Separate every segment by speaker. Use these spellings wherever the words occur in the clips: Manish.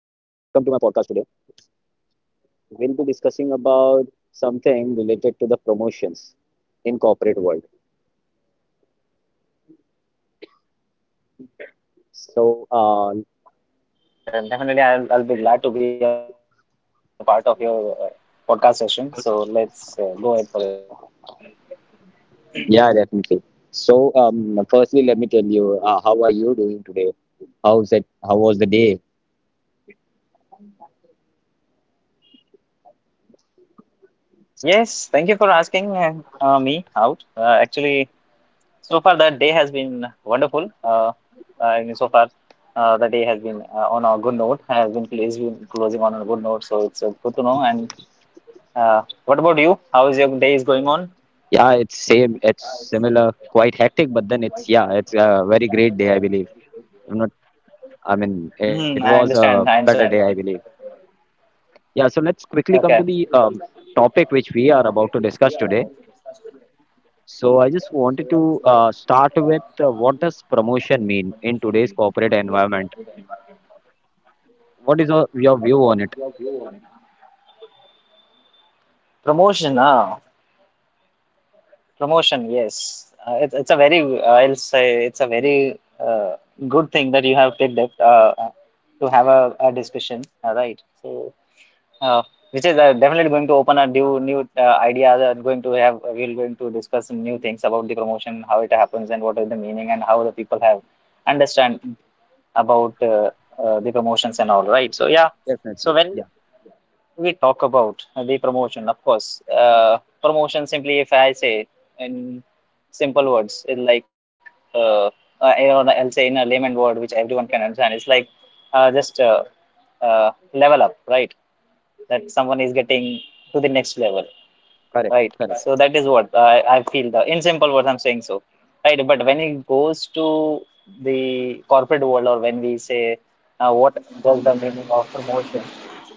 Speaker 1: to my podcast today. We'll be discussing about something related to the promotions in corporate world. So,
Speaker 2: Hi. Thank you, Sada. Thank you very much. And definitely, I'll be glad to be a part of your podcast session. So let's go ahead for it. Yeah.
Speaker 1: yeah, definitely. So, firstly, let me tell you, how are you doing today? How's it? How was the day?
Speaker 2: Yes. Thank you for asking me out. Actually, so far that day has been wonderful. So far the day has been on a good note. Has been cl- is been closing on a good note. So it's good to know. And uh, what about you? How is your day is going on?
Speaker 1: Yeah, it's same. It's similar, quite hectic, but then it's yeah, it's a very great day, I believe. I'm not. I mean, it was
Speaker 2: Hmm.
Speaker 1: a
Speaker 2: I
Speaker 1: better
Speaker 2: understand.
Speaker 1: day,
Speaker 2: I
Speaker 1: I believe.
Speaker 2: understand.
Speaker 1: Yeah. So let's quickly come to the
Speaker 2: Okay.
Speaker 1: topic which we are about to discuss today. So I just wanted to start with what does promotion mean in today's corporate environment? What is your view on it?
Speaker 2: Promotion. Ah. Promotion, yes. It's a very I'll say it's a very good thing that you have picked up to have a discussion, right? So, uh, which is definitely going to open a new idea that going to have we're going to discuss some new things about the promotion, how it happens, and what is the meaning, and how the people have understand about the promotions and all, right? So yeah.
Speaker 1: Definitely.
Speaker 2: So when
Speaker 1: Yeah,
Speaker 2: we talk about the promotion, of course. Promotion simply, if I say in simple words, it's like uh, I'll say in a layman word which everyone can understand. It's like just level up, right? That someone is getting to the next level.
Speaker 1: correct,
Speaker 2: Right.
Speaker 1: correct.
Speaker 2: So that is what I feel the in simple words I'm saying so. Right. But when it goes to the corporate world or when we say what does the meaning of promotion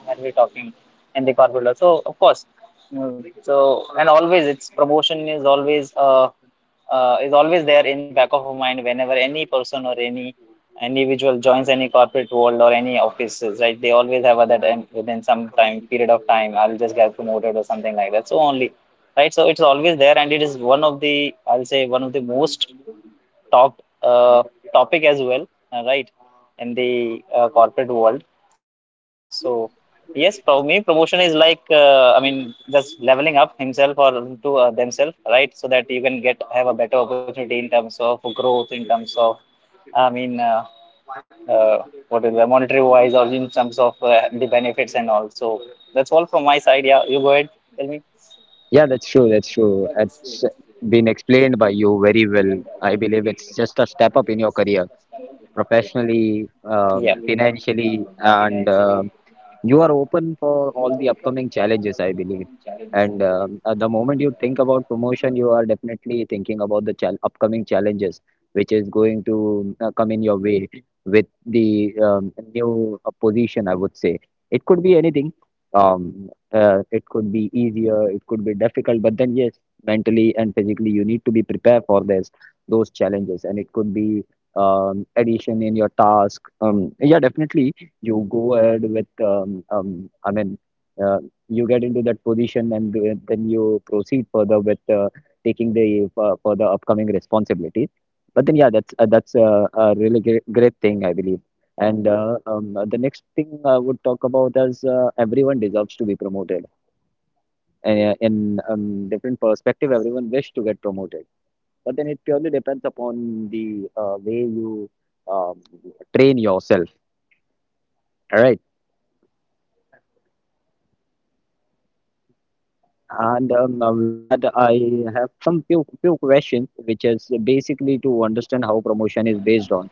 Speaker 2: when we're talking in the corporate world. So of course. So and always it's promotion is always there in the back of our mind whenever any person or any individual joins any corporate world or any offices, right? They always have a that and within some time period of time, I'll just get promoted or something like that. So only right? So it's always there, and it is one of the I'll say one of the most talked topic as well, right? In the corporate world. So yes, for me, promotion is like just leveling up himself or to themselves, right? So that you can get have a better opportunity in terms of growth, in terms of I mean. Uh, what is the monetary wise or in terms of the benefits and all so that's all from my side, yeah, you go ahead tell me.
Speaker 1: Yeah, that's true. That's true. It's been explained by you very well. I believe it's just a step up in your career, professionally,
Speaker 2: Yeah.
Speaker 1: financially, and you are open for all the upcoming challenges, I believe. And at the moment you think about promotion, you are definitely thinking about the chal upcoming challenges, which is going to come in your way with the new position, I would say. It could be anything. It could be easier, it could be difficult, but then, yes, mentally and physically, you need to be prepared for this, those challenges. And it could be addition in your task. Yeah, definitely you go ahead with I mean uh, you get into that position and then you proceed further with taking the further upcoming responsibilities. But then yeah, that's a really great, great thing I believe. And the next thing I would talk about is everyone deserves to be promoted. And in different perspective, everyone wish to get promoted. But then it purely depends upon the way you um, train yourself, right? And with that, I have some few questions, which is basically to understand how promotion is based on.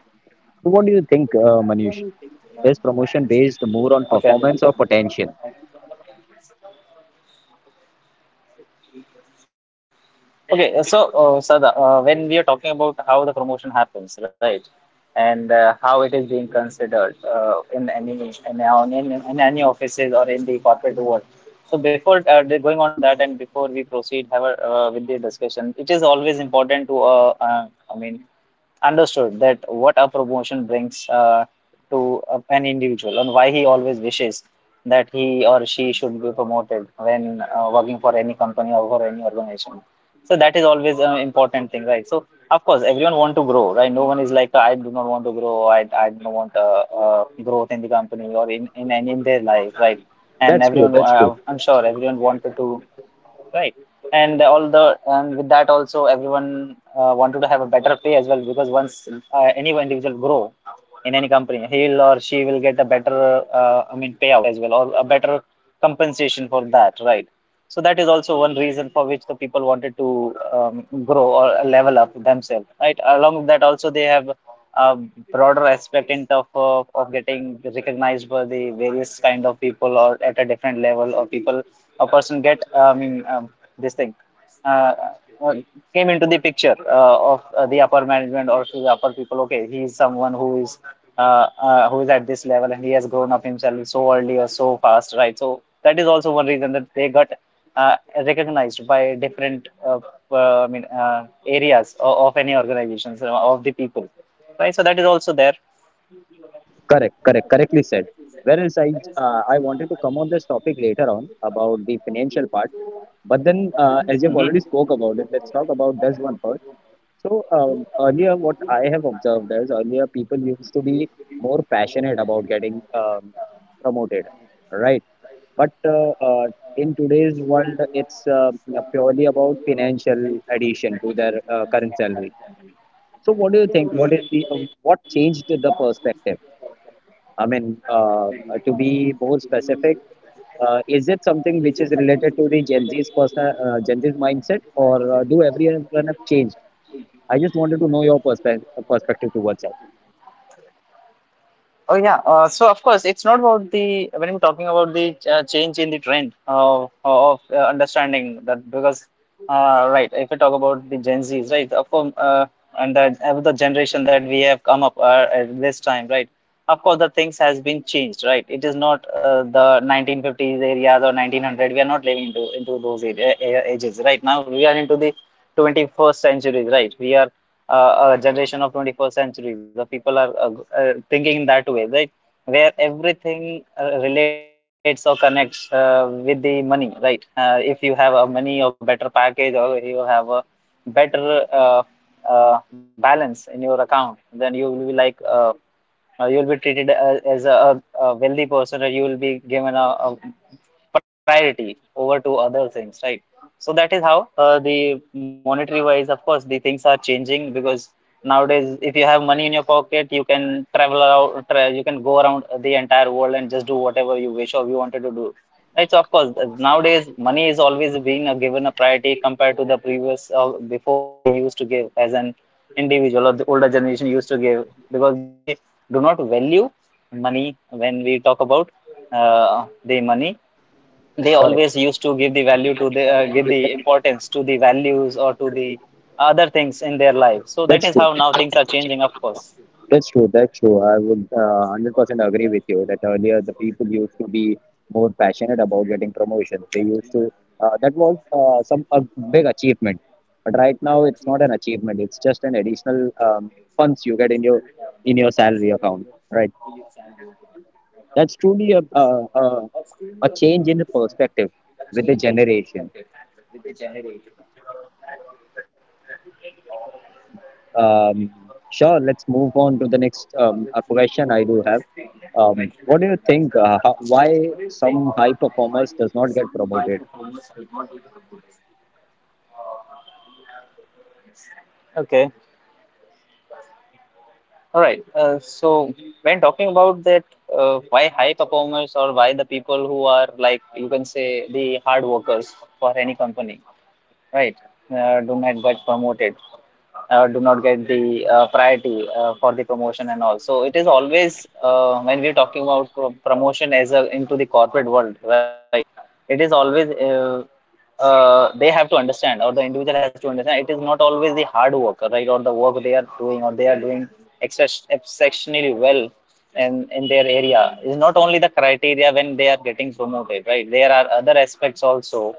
Speaker 1: So, what do you think, Manish? Is promotion based more on performance
Speaker 2: Okay.
Speaker 1: or potential?
Speaker 2: Okay. So, Sada, when we are talking about how the promotion happens, right, and how it is being considered in, in any offices or in the corporate world. So, before going on to that, and before we proceed have a, with the discussion, it is always important to, I mean, understood that what a promotion brings to an individual and why he always wishes that he or she should be promoted when working for any company or for any organization, so that is always an important thing, right? So of course everyone want to grow, right? No one is like I do not want to grow. I do not want growth in the company or in their life, right? And
Speaker 1: That's true.
Speaker 2: everyone
Speaker 1: That's true.
Speaker 2: I'm sure everyone wanted to. Right. And all the and with that also everyone wanted to have a better pay as well because once any individual grow in any company, he will or she will get a better payout as well or a better compensation for that, right? So that is also one reason for which the people wanted to grow or level up themselves, right? Along with that also they have a broader aspect in terms of getting recognized by the various kind of people or at a different level or people a person get I mean this thing uh, uh, came into the picture of the upper management or to the upper people, okay, he is someone uh, who is at this level and he has grown up himself so early or so fast, right? So that is also one reason that they got uh, recognized by different areas of any organizations of the people, right? So that is also there.
Speaker 1: Correct. Correct. Correctly said. Whereas I wanted to come on this topic later on about the financial part, but then as you've already spoke about it, let's talk about this one first. So earlier, what I have observed is earlier people used to be more passionate about getting promoted, right? But in today's world, it's purely about financial addition to their current salary. So, what do you think? What changed the perspective? I mean, to be more specific, is it something which is related to the Gen Z's mindset, or do everyone have changed? I just wanted to know your perspective towards that.
Speaker 2: Oh yeah. So of course, it's not about the when we're talking about the change in the trend of understanding that because right, if we talk about the Gen Zs, right, of course, and the generation that we have come up at this time, right. Of course, the things has been changed, right? It is not the 1950s areas or 1900. We are not living into those age, ages, right? Now we are into the 21st century, right? We are a generation of 21st century the people are thinking in that way, right? Where everything relates or connects with the money, right? If you have a money or better package or you have a better balance in your account then you will be like you will be treated as a wealthy person or you will be given a priority over to other things, right? So that is how the monetary wise of course the things are changing because nowadays if you have money in your pocket you can you can go around the entire world and just do whatever you wish or you wanted to do, right? So of course nowadays money is always being a, given a priority compared to the previous before we used to give as an individual or the older generation used to give because they do not value money when we talk about the money, they
Speaker 1: Correct.
Speaker 2: always used to give the value to the give the importance to the values or to the other things in their life, so that
Speaker 1: That's
Speaker 2: is
Speaker 1: true.
Speaker 2: how now things are changing of course.
Speaker 1: That's true. That's true. I would 100% agree with you that earlier the people used to be more passionate about getting promotions. They used to that was some a big achievement. But right now it's not an achievement. It's just an additional funds you get in your salary account. Right. That's truly a change in perspective with the generation. Um, sure, let's move on to the next question I do have. What do you think? Why some high performers does not get promoted?
Speaker 2: Okay, all right, so when talking about that why high performers or why the people who are like you can say the hard workers for any company, right, do not get promoted do not get the priority for the promotion and all. So it is always when we're talking about promotion as a, into the corporate world, right? It is always they have to understand, or the individual has to understand. It is not always the hard work, right, or the work they are doing, or they are doing exceptionally well in their area is not only the criteria when they are getting promoted, right? There are other aspects also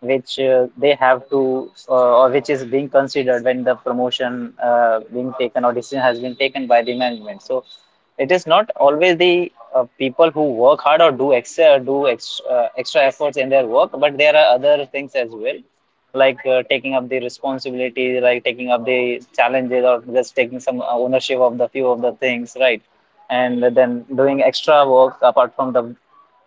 Speaker 2: which they have to or which is being considered when the promotion being taken or decision has been taken by the management, so it is not always the people who work hard or do extra extra efforts in their work but there are other things as well like taking up the responsibility like taking up the challenges or just taking some ownership of the few of the things, right? And then doing extra work apart from the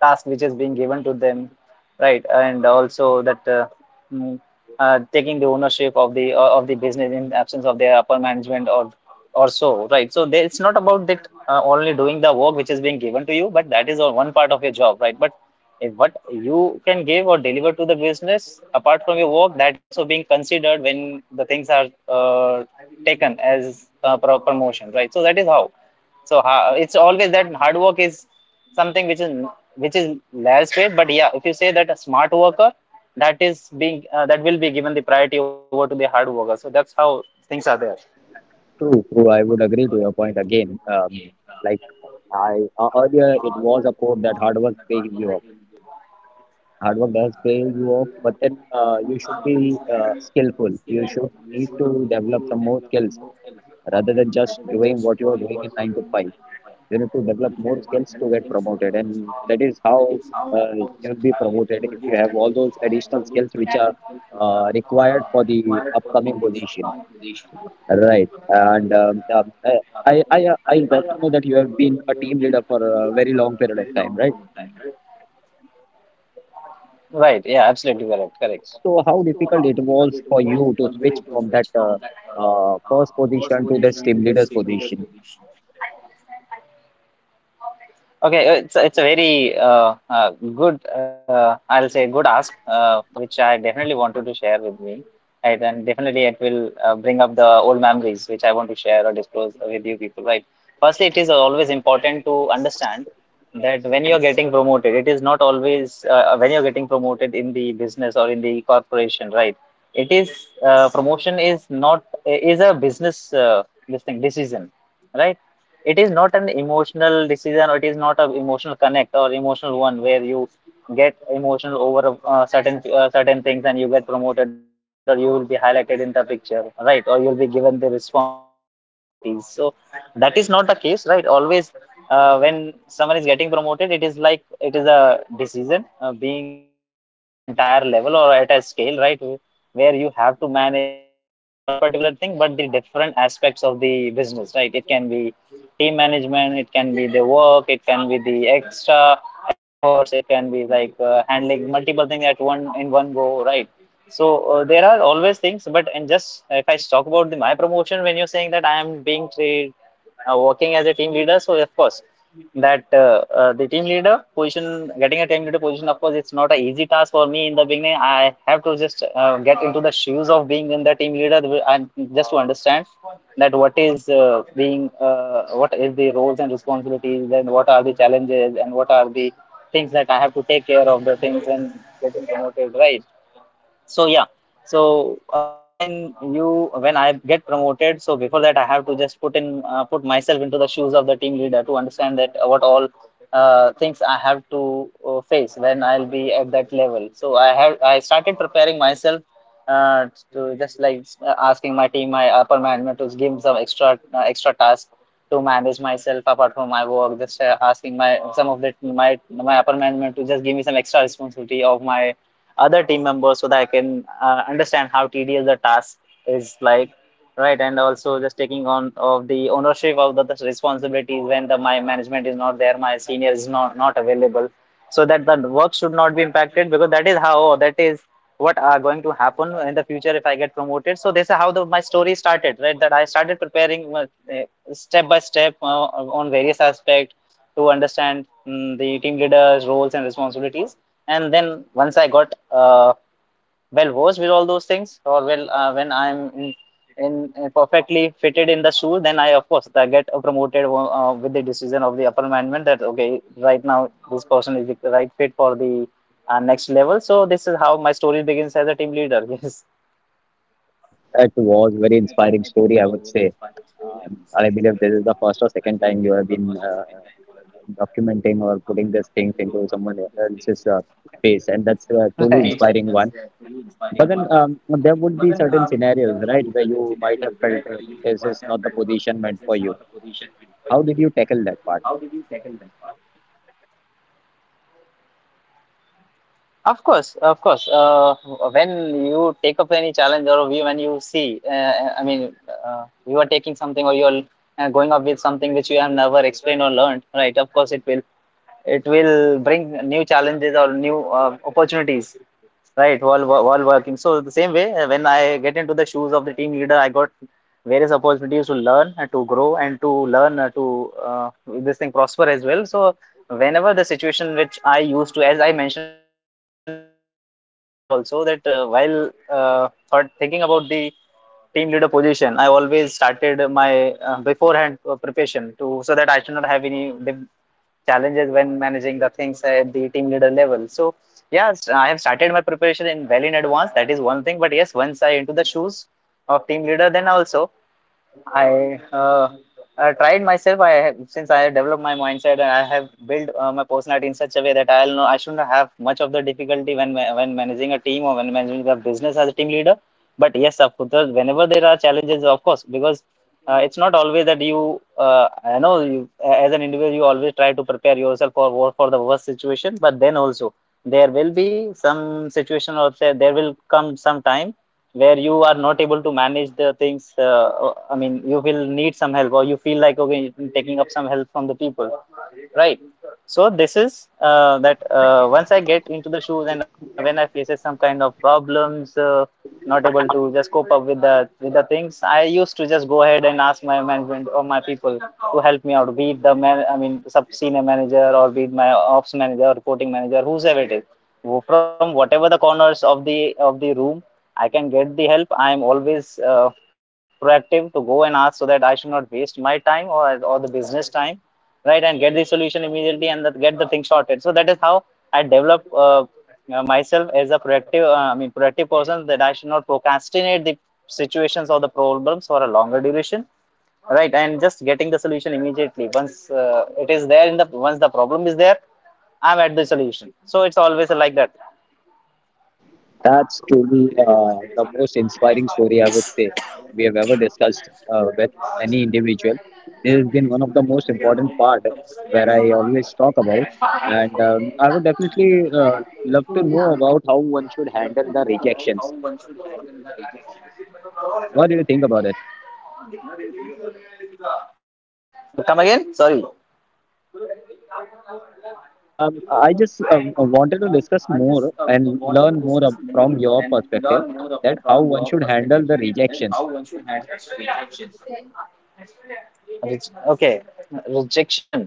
Speaker 2: task which is being given to them, right? And also that mm, taking the ownership of the business in absence of their upper management or so, right? So there, it's not about that only doing the work which is being given to you, but that is all one part of your job, right? But if what you can give or deliver to the business apart from your work that is also being considered when the things are taken as a promotion, right? So that is how it's always that hard work is something which is less paid. But yeah, if you say that a smart worker, that is being that will be given the priority over to the hard worker. So that's how things are there.
Speaker 1: True, true. I would agree to your point again. Like I earlier, it was a quote that hard work pays you off. Hard work does pay you off, but then you should be skillful. You should need to develop some more skills rather than just doing what you are doing in nine to five. You need to develop more skills to get promoted, and that is how uh, you'll be promoted if you have all those additional skills which are required for the upcoming position. Right. And I got to know that you have been a team leader for a very long period of time, right?
Speaker 2: Right. Yeah. Absolutely correct. Correct.
Speaker 1: So how difficult it was for you to switch from that first position to this team leader's position?
Speaker 2: Okay, it's a very good I'll say good ask which I definitely wanted to share with me, right? And definitely it will bring up the old memories which I want to share or disclose with you people, right? Firstly, it is always important to understand that when you're getting promoted, it is not always when you're getting promoted in the business or in the corporation, right? It is promotion is not is a business this thing decision, right? It is not an emotional decision, or it is not an emotional connect or emotional one where you get emotional over certain certain things and you get promoted, or you will be highlighted in the picture, right? Or you will be given the responsibilities. So that is not the case, right, always. When someone is getting promoted, it is like it is a decision being on a entire level or at a scale, right? Where you have to manage not only one particular thing, but the different aspects of the business, right? It can be team management, it can be the work, it can be the extra efforts, it can be like handling multiple things at one in one go, right? So there are always things. But and just if I talk about my promotion, when you're saying that I am being trained, working as a team leader. So of course that the team leader position, getting a team leader position, of course it's not an easy task for me. In the beginning, I have to just get into the shoes of being in the team leader and just to understand that what is being what is the roles and responsibilities, and what are the challenges, and what are the things that I have to take care of the things and getting promoted, right? So yeah, so of course when you when I get promoted, so before that I have to just put in put myself into the shoes of the team leader to understand that what all things I have to face when I'll be at that level. So I have I started preparing myself uh, to just like asking my team, my upper management, to give some extra extra tasks to manage myself apart from my work. Just asking my some of the my upper management to just give me some extra responsibility of my other team members, so that I can understand how tedious the task is like, right? And also just taking on of the ownership of the responsibilities when the my management is not there, my senior is not available, so that the work should not be impacted, because that is how that is what are going to happen in the future if I get promoted. So this is how my story started, right? That I started preparing step by step on various aspects to understand the team leader's roles and responsibilities, and then once I got well versed with all those things, or well when I'm in perfectly fitted in the shoe, then I of course I get promoted with the decision of the upper management that okay, right now this person is the right fit for the next level. So this is how my story begins as a team leader. Yes.
Speaker 1: It was a very inspiring story, I would say. I believe this is the first or second time you have been documenting or putting these things into someone else's face, and that's a truly
Speaker 2: Right.
Speaker 1: inspiring one. But then there would be certain scenarios, right, where you might have felt this is not the position meant for you. How did you tackle that part?
Speaker 2: Of course, of course. When you take up any challenge, or when you see, I mean, you are taking something, or you are going up with something which you have never explained or learned, right? Of course, it will bring new challenges or new opportunities. Right, while while working. So the same way, when I get into the shoes of the team leader, I got various opportunities to learn, and to grow, and to learn to this thing prosper as well. So whenever the situation which I used to, as I mentioned previously or before also, that while thinking about the team leader position, I always started my beforehand preparation, to so that I should not have any big challenges when managing the things at the team leader level. So yes, I have started my preparation in well in advance, that is one thing. But yes, once I into the shoes of team leader, then also I uh, I tried myself. I have, since I have developed my mindset and I have built my personality in such a way that I'll know I shouldn't have much of the difficulty when when managing a team or when managing a business as a team leader. But yes, of course, whenever there are challenges, of course, because it's not always that you. I know you as an individual, you always try to prepare yourself for for the worst situation. But then also, there will be some situation, or say there will come some time where you are not able to manage the things, I mean you will need some help, or you feel like okay taking up some help from the people, right? So this is that once I get into the shoes and when I faces some kind of problems, not able to just cope up with the things, I used to just go ahead and ask my management or my people to help me out, be it the man I mean sub senior manager, or be it my ops manager or reporting manager, whosoever it is. From whatever the corners of the room I can get the help, I am always proactive to go and ask, so that I should not waste my time or the business time, right? And get the solution immediately and that get the thing sorted. So that is how I develop myself as a productive, I mean productive person, that I should not procrastinate the situations or the problems for a longer duration, right? And just getting the solution immediately. Once it is there in the once the problem is there, I'm at the solution. So it's always like that.
Speaker 1: That's truly the most inspiring story I would say we have ever discussed with any individual. This has been one of the most important part where I always talk about, and I would definitely love to know about how one should handle the rejections. What do you think about it?
Speaker 2: Come again, sorry?
Speaker 1: I just wanted to discuss more and learn more from your perspective that how one should handle the rejections.
Speaker 2: Okay, rejection.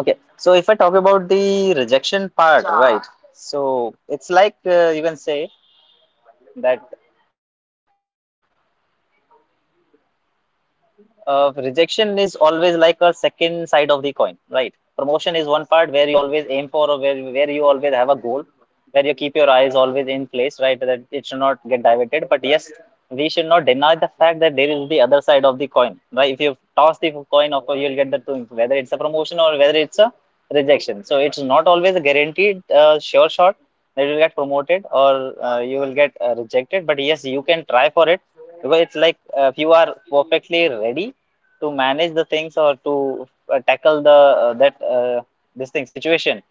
Speaker 2: Okay, so if I talk about the rejection part, right? So it's like you can say that uh, rejection is always like a second side of the coin, right? Promotion is one part where you always aim for, or where you always have a goal, where you keep your eyes always in place, right? That it should not get diverted. But yes, we should not deny the fact that there is the other side of the coin, right? If you toss the coin, of course you'll get the two, whether it's a promotion or whether it's a rejection. So it's not always a guaranteed sure shot that you'll get promoted or you will get rejected. But yes, you can try for it, because it's like if you are perfectly ready to manage the things or to tackle the that this thing situation,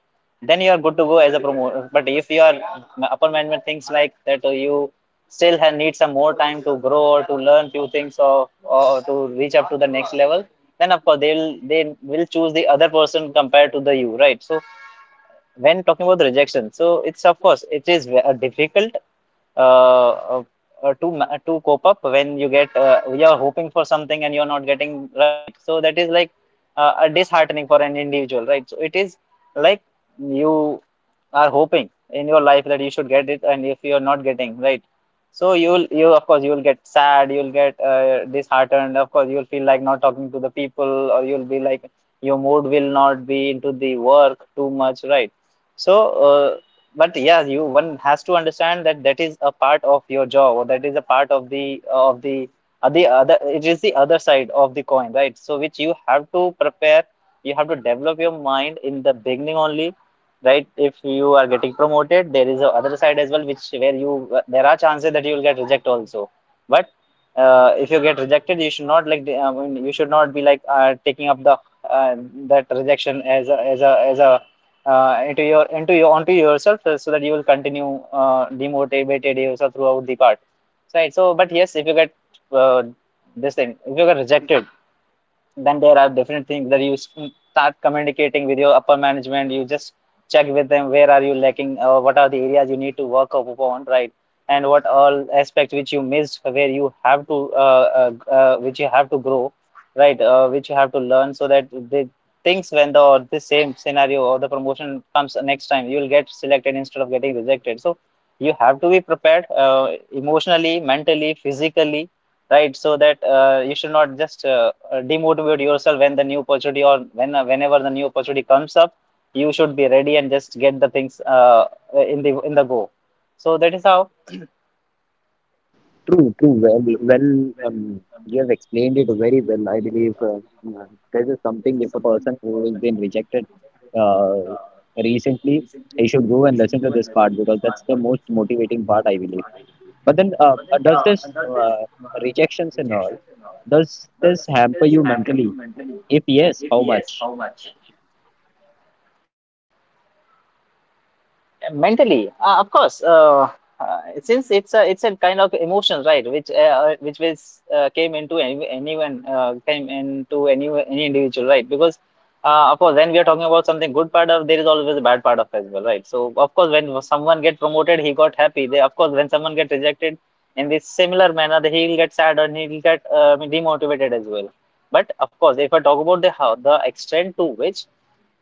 Speaker 2: then you are good to go as a promoter. But if you are upper management thinks like that you still have, need some more time to grow or to learn few things, or to reach up to the next level, then of course they will choose the other person compared to the you, right? So when talking about the rejection, so it's of course it is difficult, uh, uh, to to cope up when you get you're hoping for something and you're not getting, right? So that is like a disheartening for an individual, right? So it is like you are hoping in your life that you should get it, and if you're not getting, right, so you of course you'll get sad, you'll get disheartened. Of course, you'll feel like not talking to the people, or you'll be like your mood will not be into the work too much, right? So but yeah you one has to understand that that is a part of your job or that is a part of the other, it is the other side of the coin, right? So which you have to prepare, you have to develop your mind in the beginning only. Right, if you are getting promoted there is a other side as well, which where you there are chances that you will get rejected also. But if you get rejected you should not, like I mean, you should not be like taking up the uh, that rejection as a as a as a into your onto yourself, so that you will continue demotivated yourself throughout the part. Right, so but yes if you get uh, this thing, if you get rejected then there are different things that you start communicating with your upper management. You just check with them where are you lacking, what are the areas you need to work up upon, right? And what all aspects which you missed where you have to which you have to grow, right, which you have to learn so that the things when the or the same scenario or the promotion comes next time you will get selected instead of getting rejected. So you have to be prepared, emotionally, mentally, physically, right? So that you should not just demotivate yourself when the new opportunity or when whenever the new opportunity comes up, you should be ready and just get the things in the go. So that is how.
Speaker 1: True, true. Well, you have explained it very well. I believe this is something if a person who has been rejected uh, recently, he should go and listen to this part because that's the most motivating part, I believe. But then, does this rejections and all, does this hamper you mentally? If yes, how much?
Speaker 2: Mentally of course, since it's a kind of emotion, right, which was came into any, anyone came into any individual, right? Because of course when we are talking about something good part of, there is always a bad part of as well, right? So of course when someone get promoted he got happy, they of course when someone get rejected in this similar manner he will get sad and he will get I mean, demotivated as well. But of course if I talk about the how the extent to which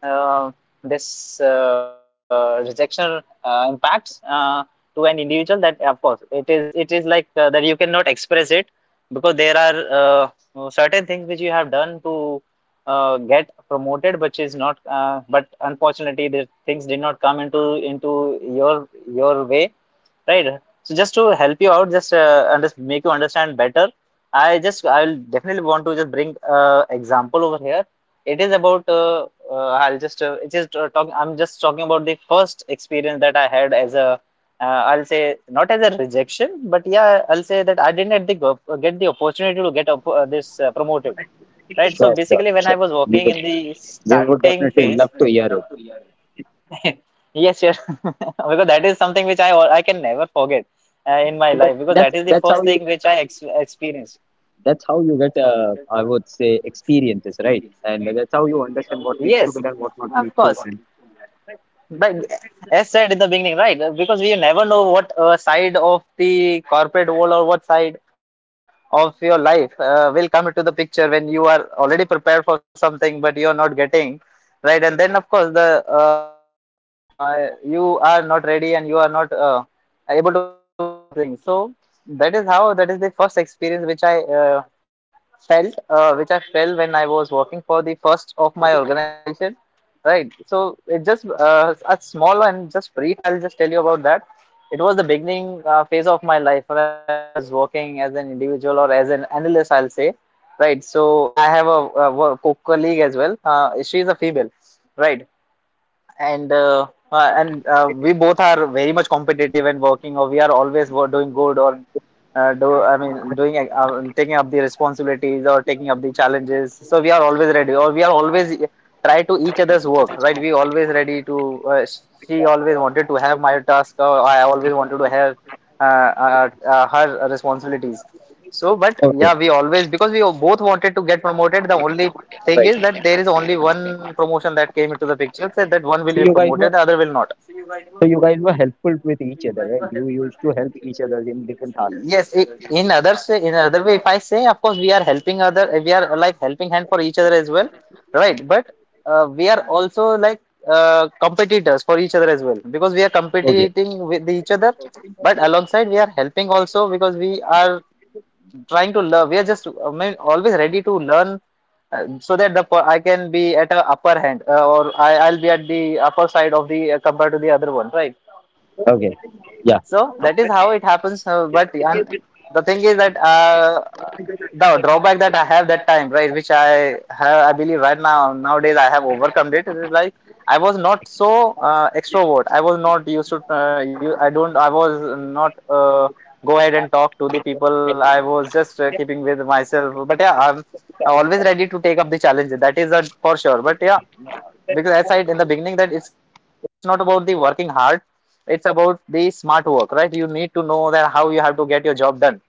Speaker 2: uh, this rejection impacts to an individual, that of course it is, it is like that you cannot express it, because there are certain things which you have done to get promoted which is not but unfortunately the things did not come into your way, right? So just to help you out, just make you understand better, I'll definitely want to just bring example over here. It is about I'll just talk. I'm just talking about the first experience that I had as a. Uh, I'll say not as a rejection, but yeah, I'll say that I didn't get the get the opportunity to get up, this promoted. Right. So
Speaker 1: Sure, sure,
Speaker 2: basically, when I
Speaker 1: sure.
Speaker 2: was
Speaker 1: We
Speaker 2: working
Speaker 1: will.
Speaker 2: in the
Speaker 1: We would
Speaker 2: starting
Speaker 1: definitely
Speaker 2: phase,
Speaker 1: love to hear it.
Speaker 2: yes, yes, because that is something which I can never forget in my
Speaker 1: And that
Speaker 2: life, because that is the
Speaker 1: that's how
Speaker 2: first
Speaker 1: you
Speaker 2: thing which experienced.
Speaker 1: That's how you get, I would say, experiences, right? And that's how you understand what needs to
Speaker 2: Yes,
Speaker 1: be done, what not
Speaker 2: of
Speaker 1: needs to
Speaker 2: course.
Speaker 1: be done.
Speaker 2: But as said in the beginning, right? Because we never know what side of the corporate world or what side of your life will come into the picture when you are already prepared for something, but you are not getting, right? And then, of course, the you are not ready and you are not able to manage those things. So that is how, that is the first experience which I felt, which I felt when I was working for the first of my organization, right? So it just a small and just brief I'll just tell you about that. It was the beginning phase of my life when when I was working as an individual or as an analyst, I'll say, right? So and I have a colleague as well, she is a female, right? And and we both are very much competitive and working, or we are always doing good, or do I mean doing taking up the responsibilities or taking up the challenges. So we are always ready, or we are always try to each other's work, right? We always ready to she always wanted to have my task or I always wanted to have her responsibilities. So, but
Speaker 1: Okay,
Speaker 2: yeah, we always, because we both wanted to get promoted. The only thing is
Speaker 1: right.
Speaker 2: that there is only one promotion that came into the picture. Said that one will
Speaker 1: So
Speaker 2: be
Speaker 1: you guys were,
Speaker 2: promoted, the other will not.
Speaker 1: so you guys were helpful with each other, right? You used to help each other in different tasks.
Speaker 2: Yes, in other say, in other way, if I say, of course, we are helping other, we are like helping hand for each other as well, right? But we are also like competitors for each other as well, because we are
Speaker 1: Okay,
Speaker 2: competing with each other. But alongside, we are helping also, because we are trying to learn. We are just, I mean, always ready to learn, so that the I can be at a upper hand, I'll be at the upper side of the compared to the other one, right?
Speaker 1: okay, yeah.
Speaker 2: So that is how it happens. But and the thing is that the drawback that I have that time, right, which I have, I believe right now nowadays I have overcome it. It is like I was not so extrovert. I was not used to. I don't. I was not. Go ahead and talk to the people. I was just keeping with myself. But yeah, I'm always ready to take up the challenge. That is a, for sure. But yeah, because as I said in the beginning, that it's not about the working hard, it's about the smart work, right? You need to know that how you have to get your job done.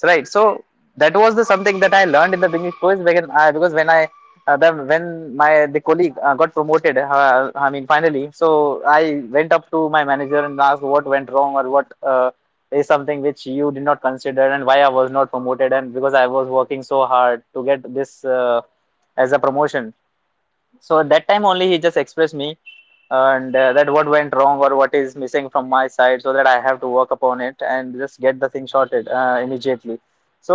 Speaker 2: So right, so that was the something that I learned in the beginning course because, because when when my the colleague got promoted, I mean finally. So I went up to my manager and asked what went wrong or what is something which you did not consider and why I was not promoted, and because I was working so hard to get this as a promotion. So at that time only, he just expressed me and that what went wrong or what is missing from my side so that I have to work upon it and just get the thing sorted immediately. So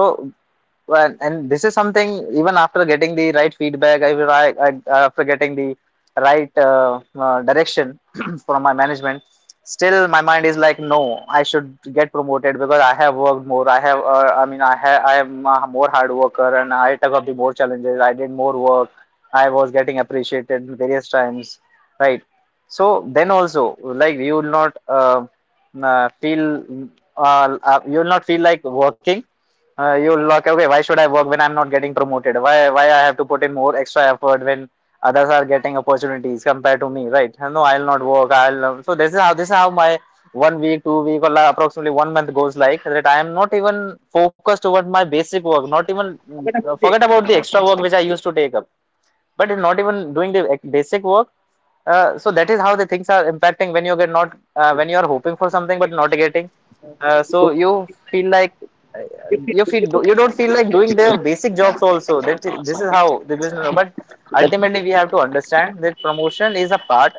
Speaker 2: and this is something even after getting the right feedback, I, after getting the right direction from my management, still my mind is like no, I should get promoted because I have worked more, I have I mean I have, I am a more hard worker and I took up the more challenges, I did more work, I was getting appreciated various times, right? So then also like you will not feel, you will not feel like working. You'll like okay, why should I work when I'm not getting promoted? Why I have to put in more extra effort when others are getting opportunities compared to me, right? No, I'll not work, I'll so this is how, this is how my one week 2 week or like approximately one month goes like that. I am not even focused toward my basic work, not even, forget about the extra work which I used to take up, but not even doing the basic work. So that is how the things are impacting when you get not, when you are hoping for something but not getting. So you feel like you feel, you don't feel like doing their basic jobs also. That is, this is how the business. But ultimately,
Speaker 1: That-
Speaker 2: we have to understand that promotion is a part,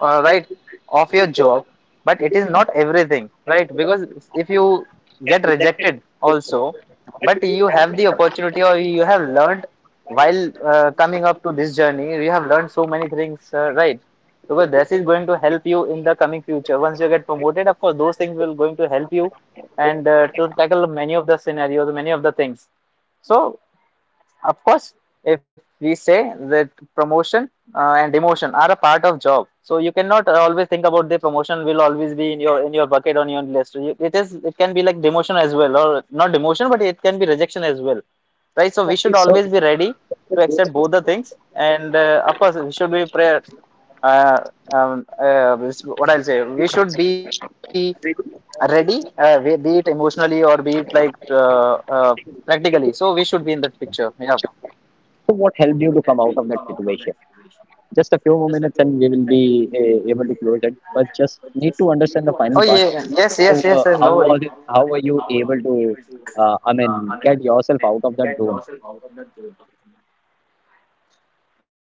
Speaker 2: right, of your job, but it is not everything, right? Because if you get rejected also, but you have the opportunity or you have learned while coming up to this journey, you have learned so many things, right, because this is going to help you in the coming future. Once you get promoted, of course those things will going to help you, and to tackle many of the scenarios, many of the things. So of course, if we say that promotion and demotion are a part of job, so you cannot always think about the promotion will always be in your bucket on your list. You, it is, it can be like demotion as well, or not demotion, but it can be rejection as well, right? So we should
Speaker 1: so,
Speaker 2: always be ready to accept both the things, and of course we should be prayer. Uh, um, uh, what I'll say, we should be ready, be it emotionally or be it like practically. So we should be in that picture. Yeah.
Speaker 1: so what helped you to come out of that situation? Just a few more minutes, and we will be able to close it. But just need to understand the final part. How were you able to I mean get yourself out of that zone?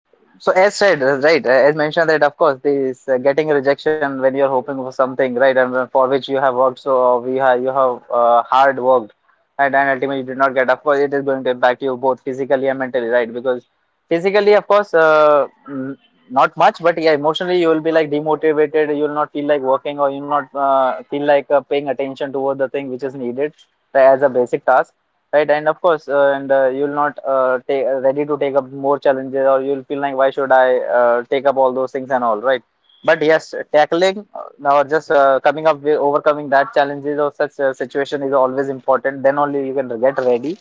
Speaker 2: So as said, right, as mentioned that of course this getting a rejection when you're hoping for something, right, and for which you have worked so, we have, you have hard worked, and ultimately you did not get. Of course, it is going to impact you both physically and mentally, right? Because physically, of course, not much, but yeah, emotionally you will be like demotivated. You will not feel like working, or you will not feel like paying attention toward the thing which is needed as a basic task, right. And of course, and you'll not take ready to take up more challenges, or you'll feel like why should I take up all those things and all, right. But yes, tackling or just coming up with overcoming that challenges or such situation is always important. Then only you can get ready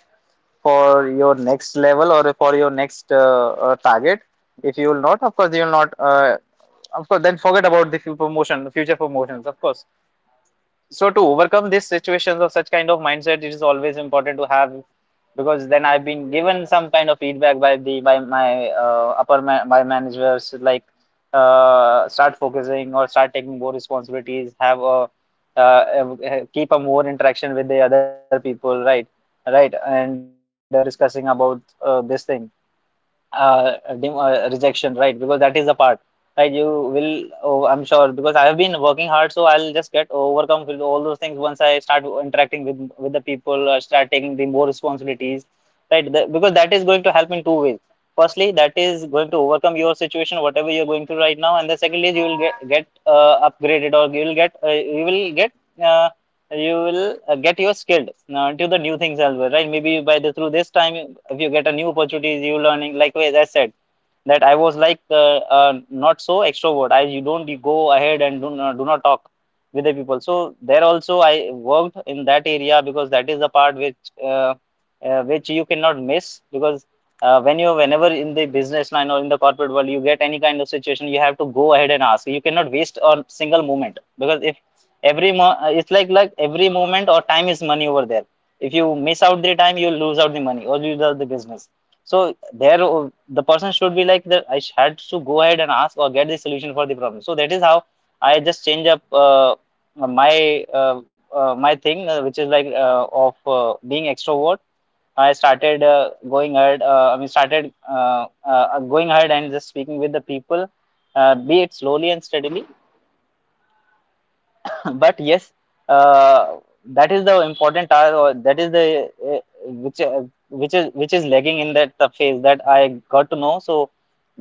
Speaker 2: for your next level, or for your next target. If you will not, of course you will not, of course, then forget about the few promotion future promotions, of course. So to overcome these situations of such kind of mindset, it is always important to have. Because then I've been given some kind of feedback by the by my upper ma- by managers, like start focusing or start taking more responsibilities, have a keep a more interaction with the other people, right, right. And stop discussing about this thing, uh, rejection, right, because that is the part. Right, you will, oh, I'm sure, because I have been working hard, so I'll just get overcome with all those things once I start interacting with the people, or start taking the more responsibilities, right. Because that is going to help in two ways. Firstly, that is going to overcome your situation whatever you're going through right now, and the second is you will get upgraded, or you will get you will get uh, you will get your skilled to the new things as well, right? Maybe by the through this time, if you get a new opportunities, you learning. Like as I said, that I was like not so extrovert. I you don't go ahead and do not, talk with the people. So there also I worked in that area, because that is the part uh, which you cannot miss. Because whenever in the business line or in the corporate world you get any kind of situation, you have to go ahead and ask. You cannot waste a single moment, because if it's like every moment or time is money over there. If you miss out the time, you lose out the money or lose out the business. So there, the person should be like that, had to go ahead and ask, or get the solution for the problem. So that is how I just change up, my my thing, which is like, of being extrovert. I started going ahead. I mean, started going ahead and just speaking with the people, be it slowly and steadily. But yes, uh, that is the important task, or that is the uh, which which is lagging in that the phase that I got to know. So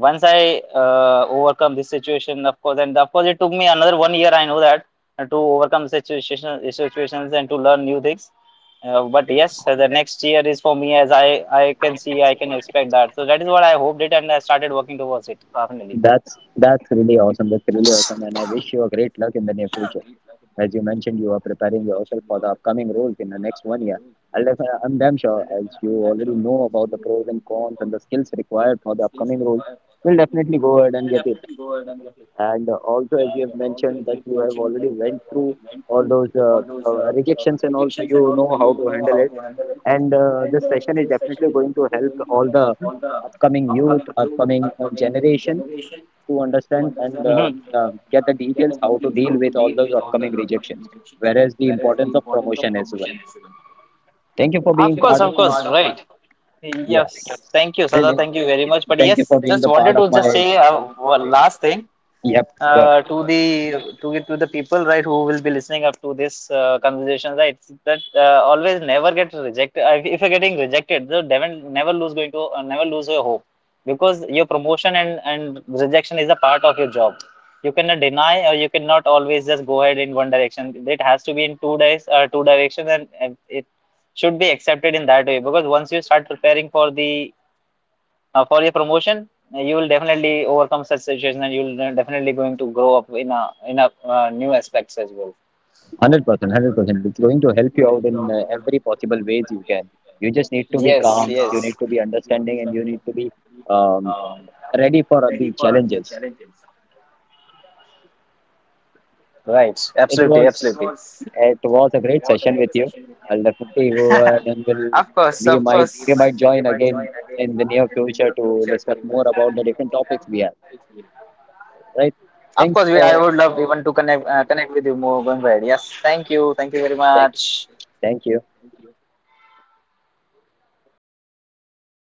Speaker 2: once I overcome this situation, of course. And of course, it took me another one year, I know that, to overcome situations and to learn new things. But yes, the next year is for me, as I can see, I can expect that. So that is what I hoped it, and I started working towards it finally.
Speaker 1: That's really awesome. That's really awesome, and I wish you a great luck in the near future. As you mentioned, you are preparing yourself for the upcoming roles in the next 1 year. I'm damn sure, as you already know about the pros and cons and the skills required for the upcoming role, you'll definitely go ahead and get it. And also, as you have mentioned that you have already went through all those rejections, and also you know how to handle it. And this session is definitely going to help all the upcoming generation to understand and
Speaker 2: Hmm.
Speaker 1: get the details how to deal with all those upcoming rejections, whereas the importance of promotion as well. Thank you for being part of
Speaker 2: Of
Speaker 1: my,
Speaker 2: course, right.
Speaker 1: yeah,
Speaker 2: Yes, thank you, Sada.
Speaker 1: really.
Speaker 2: Thank you very much. But
Speaker 1: Thank you for
Speaker 2: yes,
Speaker 1: being
Speaker 2: just
Speaker 1: the part
Speaker 2: wanted
Speaker 1: of
Speaker 2: to just
Speaker 1: my,
Speaker 2: say one last thing,
Speaker 1: yep, go ahead.
Speaker 2: to get to the people, right, who will be listening up to this conversation, right, that always never get rejected. If you're getting rejected, so Devon never lose going to never lose your hope, because your promotion and rejection is a part of your job. You cannot deny, or you cannot always just go ahead in one direction, it has to be in 2 days, two directions, and it should be accepted in that way, because once you start preparing for the, for your promotion, you will definitely overcome such situations, and you'll definitely going to grow up in a new aspects as well.
Speaker 1: 100%, 100%. It's going to help you out in every possible ways you can. You just need to be
Speaker 2: Yes,
Speaker 1: calm, you
Speaker 2: yes,
Speaker 1: need to be understanding, and you need to be um, ready for the challenges.
Speaker 2: right,
Speaker 1: It
Speaker 2: absolutely,
Speaker 1: was
Speaker 2: absolutely.
Speaker 1: it was a great session with you. I'll definitely go ahead and will
Speaker 2: Of course, of course.
Speaker 1: we might join again in the near future to discuss more about the different topics we have. Right?
Speaker 2: Of course,
Speaker 1: Thanks
Speaker 2: we, I
Speaker 1: for
Speaker 2: would love even to connect with you more going ahead. Yes, thank you very
Speaker 1: thank
Speaker 2: much.
Speaker 1: thank you.